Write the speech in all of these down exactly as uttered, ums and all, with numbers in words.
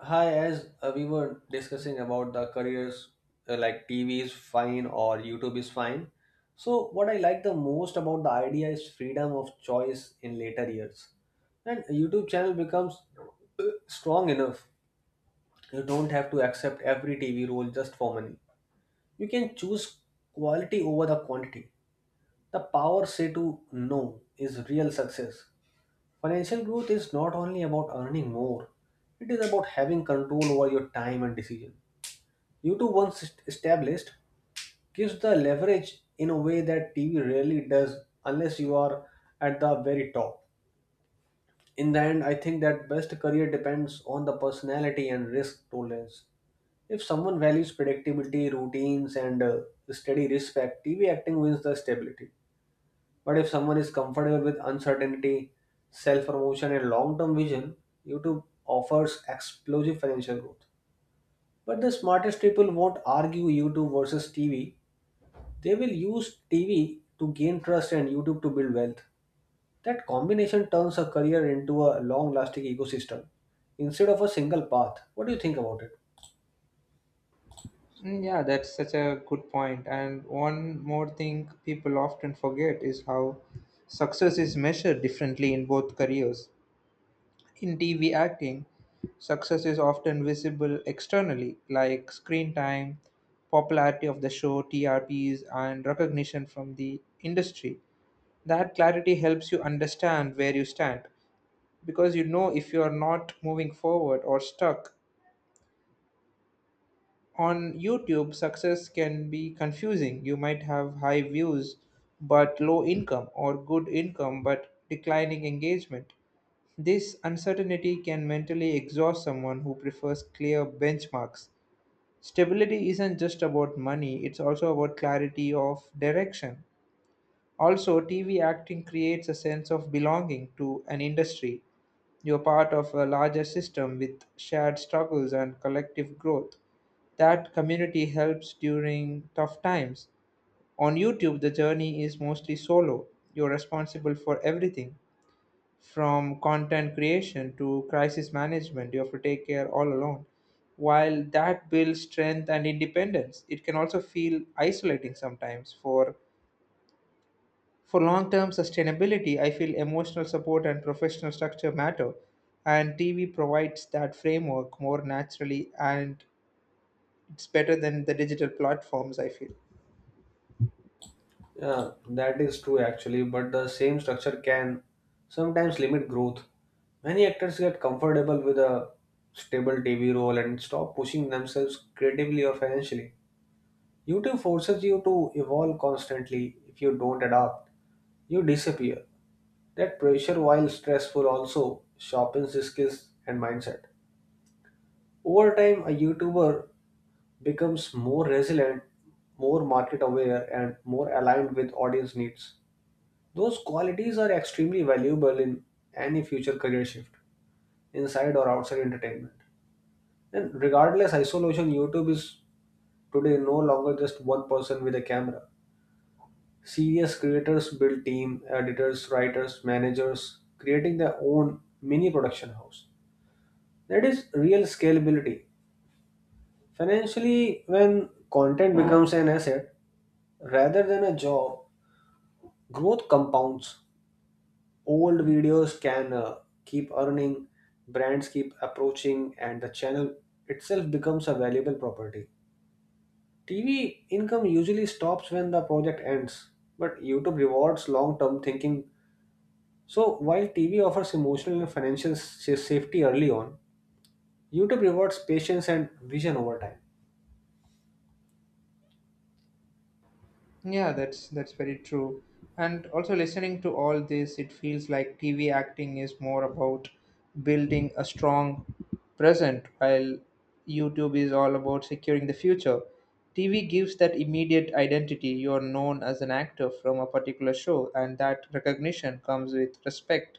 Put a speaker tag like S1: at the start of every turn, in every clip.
S1: Hi, as uh, we were discussing about the careers uh, like T V is fine or YouTube is fine. So, what I like the most about the idea is freedom of choice in later years. And a YouTube channel becomes uh, strong enough. You don't have to accept every T V role just for money. You can choose quality over the quantity. The power say to no is real success. Financial growth is not only about earning more, it is about having control over your time and decision. YouTube, once est- established, gives the leverage in a way that T V rarely does unless you are at the very top. In the end, I think that best career depends on the personality and risk tolerance. If someone values predictability, routines, and uh, steady respect, T V acting wins the stability. But if someone is comfortable with uncertainty, self promotion, and long term vision, YouTube offers explosive financial growth. But the smartest people won't argue YouTube versus T V, they will use T V to gain trust and YouTube to build wealth. That combination turns a career into a long lasting ecosystem instead of a single path. What do you think about it?
S2: Mm, Yeah, that's such a good point. And one more thing people often forget is how success is measured differently in both careers. In T V acting, success is often visible externally, like screen time, popularity of the show, T R Ps, and recognition from the industry. That clarity helps you understand where you stand because you know if you are not moving forward or stuck. On YouTube, success can be confusing. You might have high views but low income, or good income but declining engagement. This uncertainty can mentally exhaust someone who prefers clear benchmarks. Stability isn't just about money, it's also about clarity of direction. Also, T V acting creates a sense of belonging to an industry. You're part of a larger system with shared struggles and collective growth. That community helps during tough times. On YouTube, the journey is mostly solo. You're responsible for everything from content creation to crisis management. You have to take care all alone. While that builds strength and independence, it can also feel isolating sometimes. For for long term sustainability, I feel emotional support and professional structure matter, and T V provides that framework more naturally, and it's better than the digital platforms, I feel.
S1: Yeah, that is true actually, but the same structure can sometimes limit growth. Many actors get comfortable with a stable T V role and stop pushing themselves creatively or financially. YouTube forces you to evolve constantly. If you don't adapt, you disappear. That pressure, while stressful, also sharpens the skills and mindset. Over time, a YouTuber becomes more resilient, more market aware, and more aligned with audience needs. Those qualities are extremely valuable in any future career shift, inside or outside entertainment. And regardless, isolation YouTube is today no longer just one person with a camera. Serious creators build team, editors, writers, managers, creating their own mini production house. That is real scalability. Financially, when content becomes an asset rather than a job, growth compounds. Old videos can uh, keep earning, brands keep approaching, and the channel itself becomes a valuable property. T V income usually stops when the project ends, but YouTube rewards long term thinking. So, while T V offers emotional and financial sa- safety early on, YouTube rewards patience and vision over time.
S2: Yeah, that's that's very true. And also listening to all this, it feels like T V acting is more about building a strong present, while YouTube is all about securing the future. T V gives that immediate identity. You're known as an actor from a particular show, and that recognition comes with respect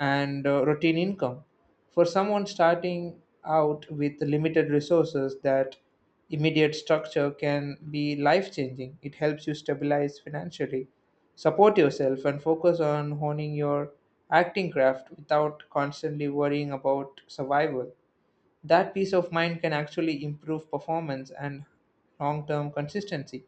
S2: and uh, routine income. For someone starting out with limited resources, that immediate structure can be life changing. It helps you stabilize financially, support yourself, and focus on honing your acting craft without constantly worrying about survival. That peace of mind can actually improve performance and long term consistency.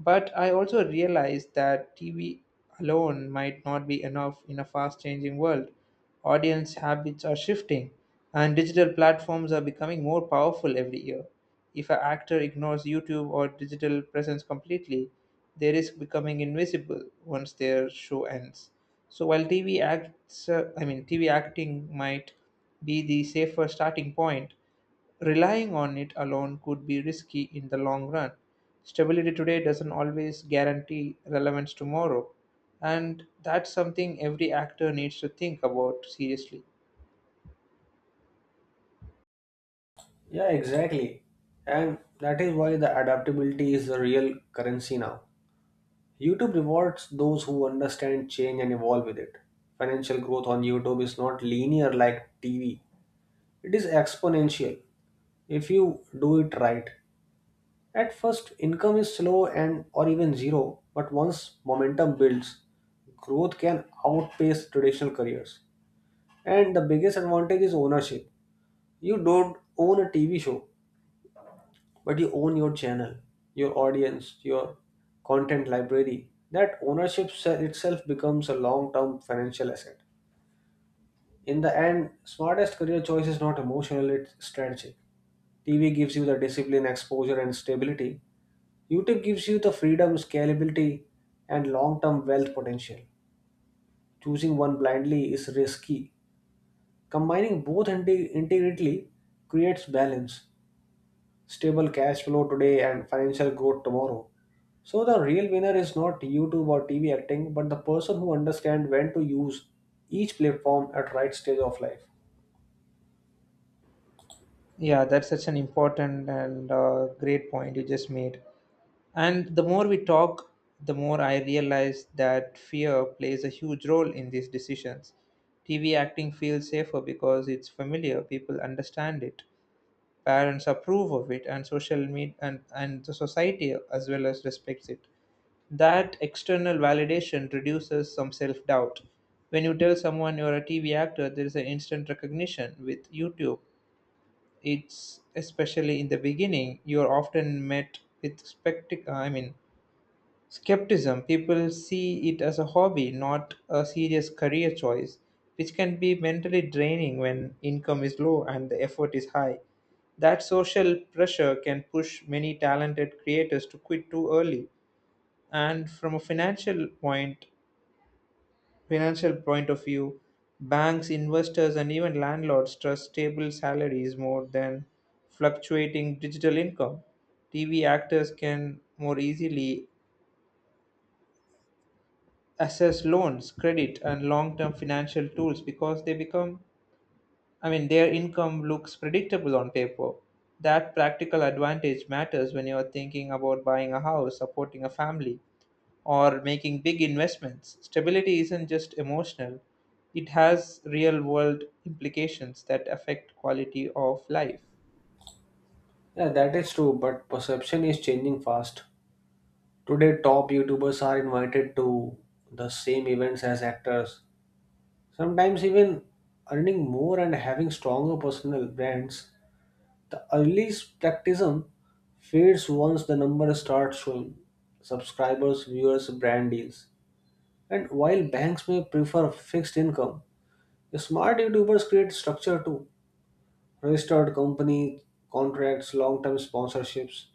S2: But I also realized that T V alone might not be enough in a fast changing world. Audience habits are shifting, and digital platforms are becoming more powerful every year. If an actor ignores YouTube or digital presence completely, they risk becoming invisible once their show ends. So while T V acts, uh, I mean TV acting might be the safer starting point. Relying on it alone could be risky in the long run. Stability today doesn't always guarantee relevance tomorrow, and that's something every actor needs to think about seriously.
S1: Yeah, exactly. And that is why the adaptability is the real currency now. YouTube rewards those who understand change and evolve with it. Financial growth on YouTube is not linear like T V, it is exponential if you do it right. At first, income is slow and or even zero, but once momentum builds, growth can outpace traditional careers. And the biggest advantage is ownership. You don't own a T V show, but you own your channel, your audience, your content library. That ownership se- itself becomes a long term financial asset. In the end, smartest career choice is not emotional, it's strategic. TV gives you the discipline, exposure, and stability. YouTube gives you the freedom, scalability, and long term wealth potential. Choosing one blindly is risky. Combining both inte- integrally creates balance, stable cash flow today and financial growth tomorrow. So the real winner is not YouTube or T V acting, but the person who understands when to use each platform at right stage of life.
S2: Yeah, that's such an important and uh, great point you just made. And the more we talk, the more I realize that fear plays a huge role in these decisions. T V acting feels safer because it's familiar, people understand it. Parents approve of it, and social media and, and the society as well as respects it. That external validation reduces some self-doubt. When you tell someone you're a TV actor, there is an instant recognition. With YouTube, it's especially in the beginning, you're often met with spectac- i mean skepticism. People see it as a hobby, not a serious career choice, which can be mentally draining when income is low and the effort is high. That social pressure can push many talented creators to quit too early. And from a financial point, financial point of view, banks, investors, and even landlords trust stable salaries more than fluctuating digital income. T V actors can more easily assess loans, credit, and long term financial tools because they become, I mean, their income looks predictable on paper. That practical advantage matters when you're thinking about buying a house, supporting a family, or making big investments. Stability isn't just emotional, it has real world implications that affect quality of life.
S1: Yeah, that is true, but perception is changing fast. Today, top YouTubers are invited to the same events as actors, sometimes even earning more and having stronger personal brands. The early skepticism fades once the numbers start showing subscribers, viewers, brand deals. And while banks may prefer fixed income, the smart YouTubers create structure too. Registered company contracts, long-term sponsorships.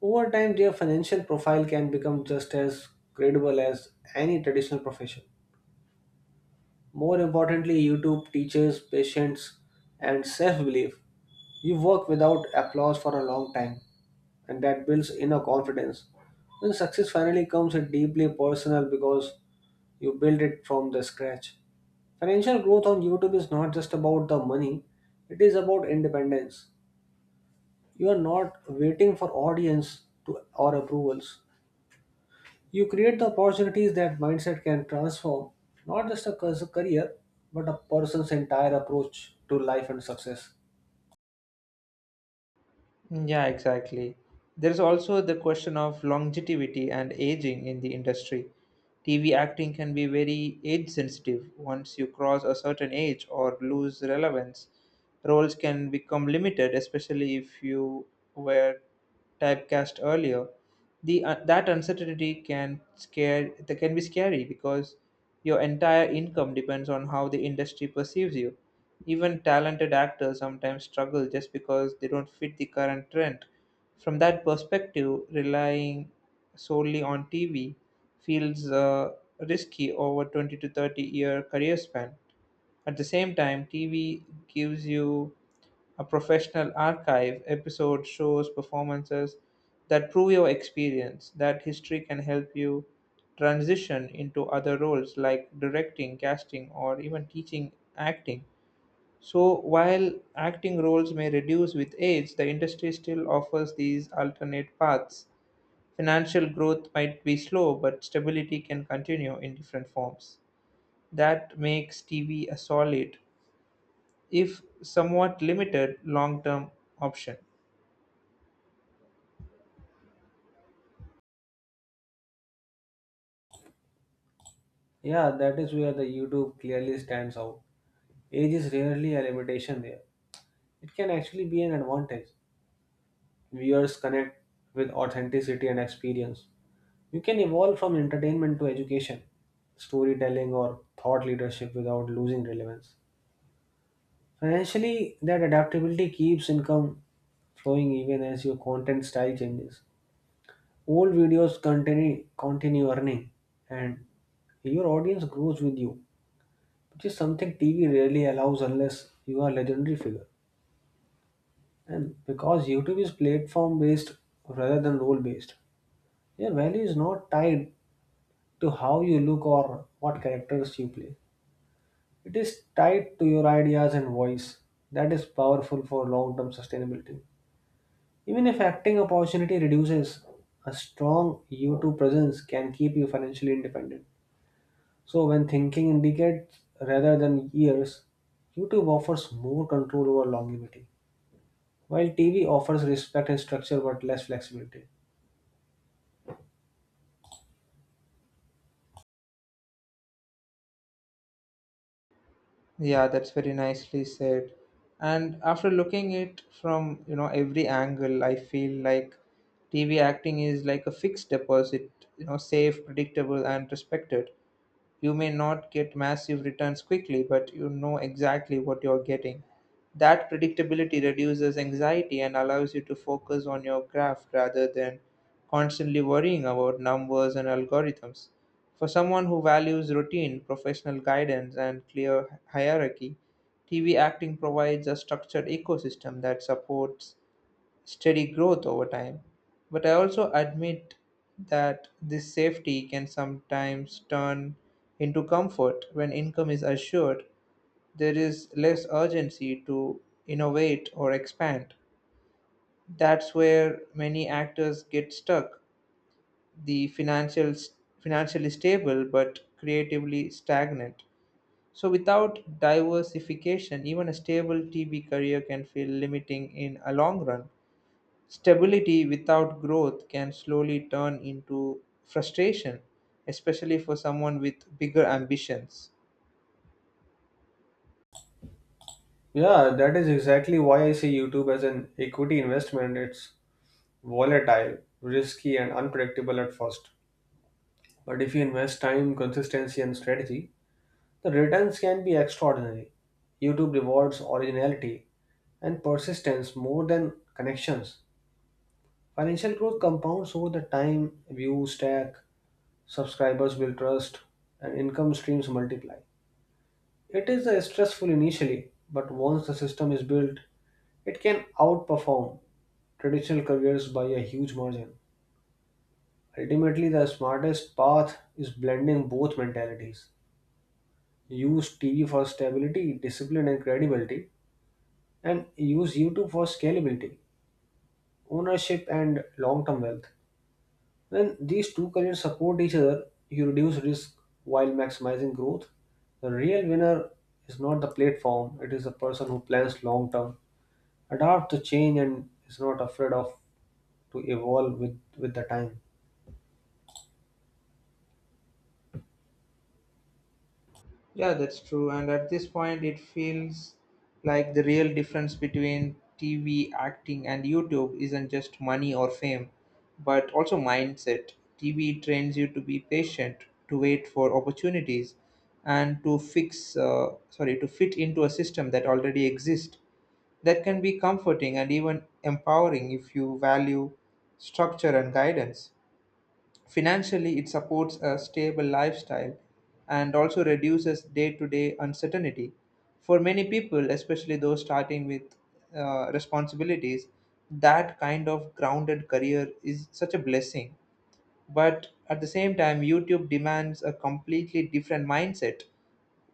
S1: Over time, their financial profile can become just as credible as any traditional profession. More importantly, YouTube teaches patience and self-belief. You work without applause for a long time, and that builds inner confidence. When success finally comes, it's deeply personal because you build it from the scratch. Financial growth on YouTube is not just about the money, it is about independence. You are not waiting for audience to, or approvals. You create the opportunities. That mindset can transform not just a cus- career, but a person's entire approach to life and success.
S2: Mm, Yeah, exactly. There's also the question of longevity and aging in the industry. T V acting can be very age sensitive. Once you cross a certain age or lose relevance, roles can become limited, especially if you were typecast earlier. The uh, That uncertainty can scare that can be scary because your entire income depends on how the industry perceives you. Even talented actors sometimes struggle just because they don't fit the current trend. From that perspective, relying solely on TV feels uh, risky over twenty to thirty year career span. At the same time, TV gives you a professional archive, episode shows, performances that prove your experience. That history can help you transition into other roles like directing, casting, or even teaching acting. So, while acting roles may reduce with age, the industry still offers these alternate paths. Financial growth might be slow, but stability can continue in different forms. That makes T V a solid, if somewhat limited, long term option.
S1: Yeah, that is where the YouTube clearly stands out. Age is rarely a limitation there. It can actually be an advantage. Viewers connect with authenticity and experience. You can evolve from entertainment to education, storytelling, or thought leadership without losing relevance. Financially, that adaptability keeps income flowing even as your content style changes. Old videos continue, continue earning, and your audience grows with you, which is something T V rarely allows unless you are a legendary figure. And because YouTube is platform based rather than role based, your value is not tied to how you look or what characters you play. It is tied to your ideas and voice. That is powerful for long term sustainability. Even if acting opportunity reduces, a strong YouTube presence can keep you financially independent. So, when thinking in decades rather than years, YouTube offers more control over longevity, while T V offers respect and structure but less flexibility.
S2: Yeah, that's very nicely said. And after looking it from, you know, every angle, I feel like T V acting is like a fixed deposit, you know, safe, predictable, and respected. You may not get massive returns quickly, but you know exactly what you're getting. That predictability reduces anxiety and allows you to focus on your graph rather than constantly worrying about numbers and algorithms. For someone who values routine, professional guidance, and clear hierarchy, T V acting provides a structured ecosystem that supports steady growth over time. But I also admit that this safety can sometimes turn into comfort. When income is assured, there is less urgency to innovate or expand. That's where many actors get stuck. The financial financially stable but creatively stagnant. So without diversification, even a stable T V career can feel limiting in a long run. Stability without growth can slowly turn into frustration, especially for someone with bigger ambitions.
S1: Yeah, that is exactly why I see YouTube as an equity investment. It's volatile, risky, and unpredictable at first. But if you invest time, consistency, and strategy, the returns can be extraordinary. YouTube rewards originality and persistence more than connections. Financial growth compounds over the time, views stack, subscribers build trust, and income streams multiply. It is uh, stressful initially, but once the system is built, it can outperform traditional careers by a huge margin. Ultimately, the smartest path is blending both mentalities. Use T V for stability, discipline, and credibility, and use YouTube for scalability, ownership, and long term wealth. When these two careers support each other, you reduce risk while maximizing growth. The real winner is not the platform, it is the person who plans long term, adapts to change, and is not afraid of to evolve with, with the time.
S2: Yeah, that's true. And at this point, it feels like the real difference between T V acting and YouTube isn't just money or fame, but also mindset. T V trains you to be patient, to wait for opportunities, and to fix, uh, sorry, to fit into a system that already exists. That can be comforting and even empowering if you value structure and guidance. Financially, it supports a stable lifestyle and also reduces day to day uncertainty. For many people, especially those starting with uh, responsibilities, that kind of grounded career is such a blessing. But at the same time, YouTube demands a completely different mindset,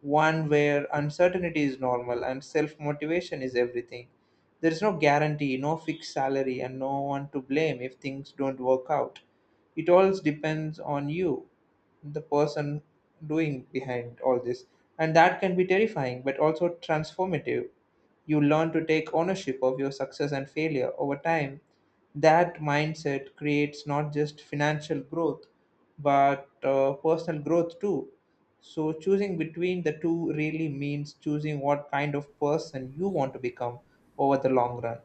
S2: one where uncertainty is normal and self motivation is everything. There is no guarantee, no fixed salary, and no one to blame if things don't work out. It all depends on you, the person doing behind all this. And that can be terrifying but also transformative. You learn to take ownership of your success and failure over time. That mindset creates not just financial growth, but uh, personal growth too. So, choosing between the two really means choosing what kind of person you want to become over the long run.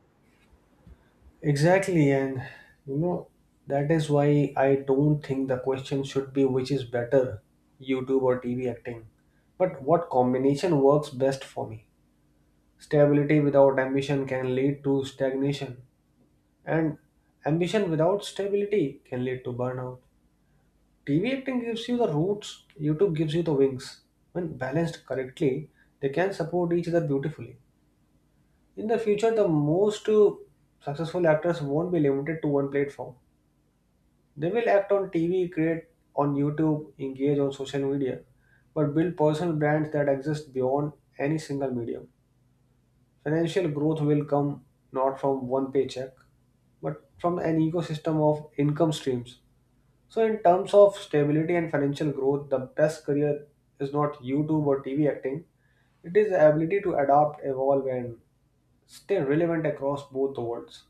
S1: Exactly, and you know, that is why I don't think the question should be which is better, YouTube or T V acting, but what combination works best for me. Stability without ambition can lead to stagnation, and ambition without stability can lead to burnout. T V acting gives you the roots, YouTube gives you the wings. When balanced correctly, they can support each other beautifully. In the future, the most uh, successful actors won't be limited to one platform. They will act on T V, create on YouTube, engage on social media, but build personal brands that exist beyond any single medium. Financial growth will come not from one paycheck, but from an ecosystem of income streams. So, in terms of stability and financial growth, the best career is not YouTube or T V acting, it is the ability to adapt, evolve, and stay relevant across both the worlds.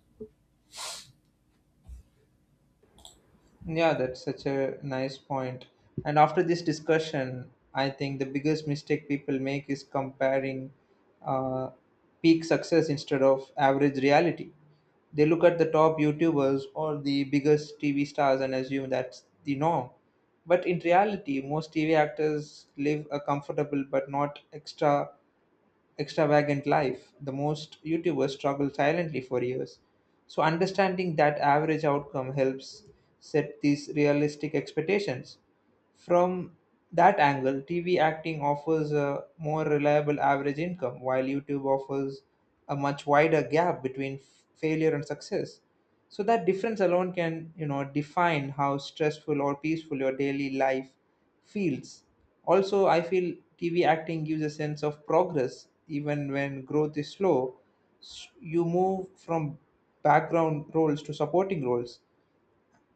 S2: Yeah, that's such a nice point. And after this discussion, I think the biggest mistake people make is comparing uh, peak success instead of average reality. They look at the top YouTubers or the biggest T V stars and assume that's the norm. But in reality, most T V actors live a comfortable but not extra extravagant life, the most YouTubers struggle silently for years. So, understanding that average outcome helps set these realistic expectations. From that angle, T V acting offers a more reliable average income, while YouTube offers a much wider gap between f- failure and success. So that difference alone can, you know, define how stressful or peaceful your daily life feels. Also, I feel T V acting gives a sense of progress even when growth is slow. S- You move from background roles to supporting roles,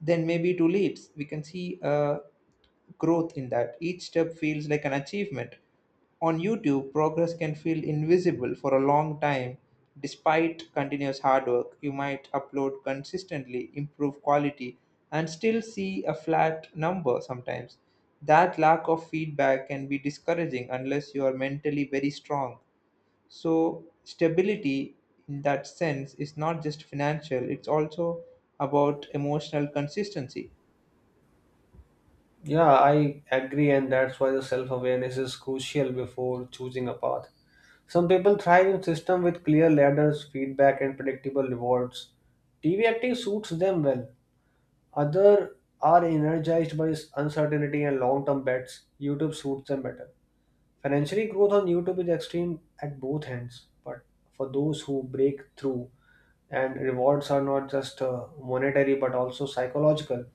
S2: then maybe two leaps we can see uh, growth in that. Each step feels like an achievement. On YouTube, progress can feel invisible for a long time. Despite continuous hard work, you might upload consistently, improve quality, and still see a flat number sometimes. That lack of feedback can be discouraging unless you are mentally very strong. So, stability in that sense is not just financial, it's also about emotional consistency.
S1: Yeah, I agree, and that's why the self awareness is crucial before choosing a path. Some people thrive in systems with clear ladders, feedback, and predictable rewards. T V acting suits them well. Others are energized by uncertainty and long term bets. YouTube suits them better. Financially, growth on YouTube is extreme at both ends, but for those who break through and rewards are not just uh, monetary but also psychological,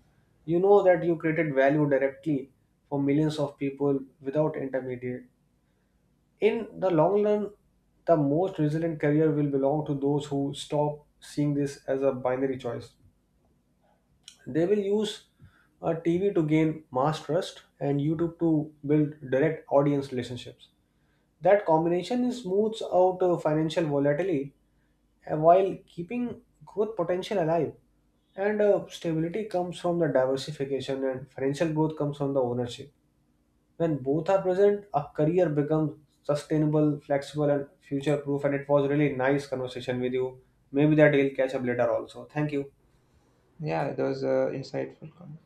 S1: you know that you created value directly for millions of people without intermediate. In the long run, the most resilient career will belong to those who stop seeing this as a binary choice. They will use a T V to gain mass trust and YouTube to build direct audience relationships. That combination smooths out uh, financial volatility uh, while keeping growth potential alive. And uh, stability comes from the diversification, and financial growth comes from the ownership. When both are present, a career becomes sustainable, flexible, and future proof. And it was really nice conversation with you. Maybe that we'll catch up later also. Thank you.
S2: Yeah, that was an insightful comment.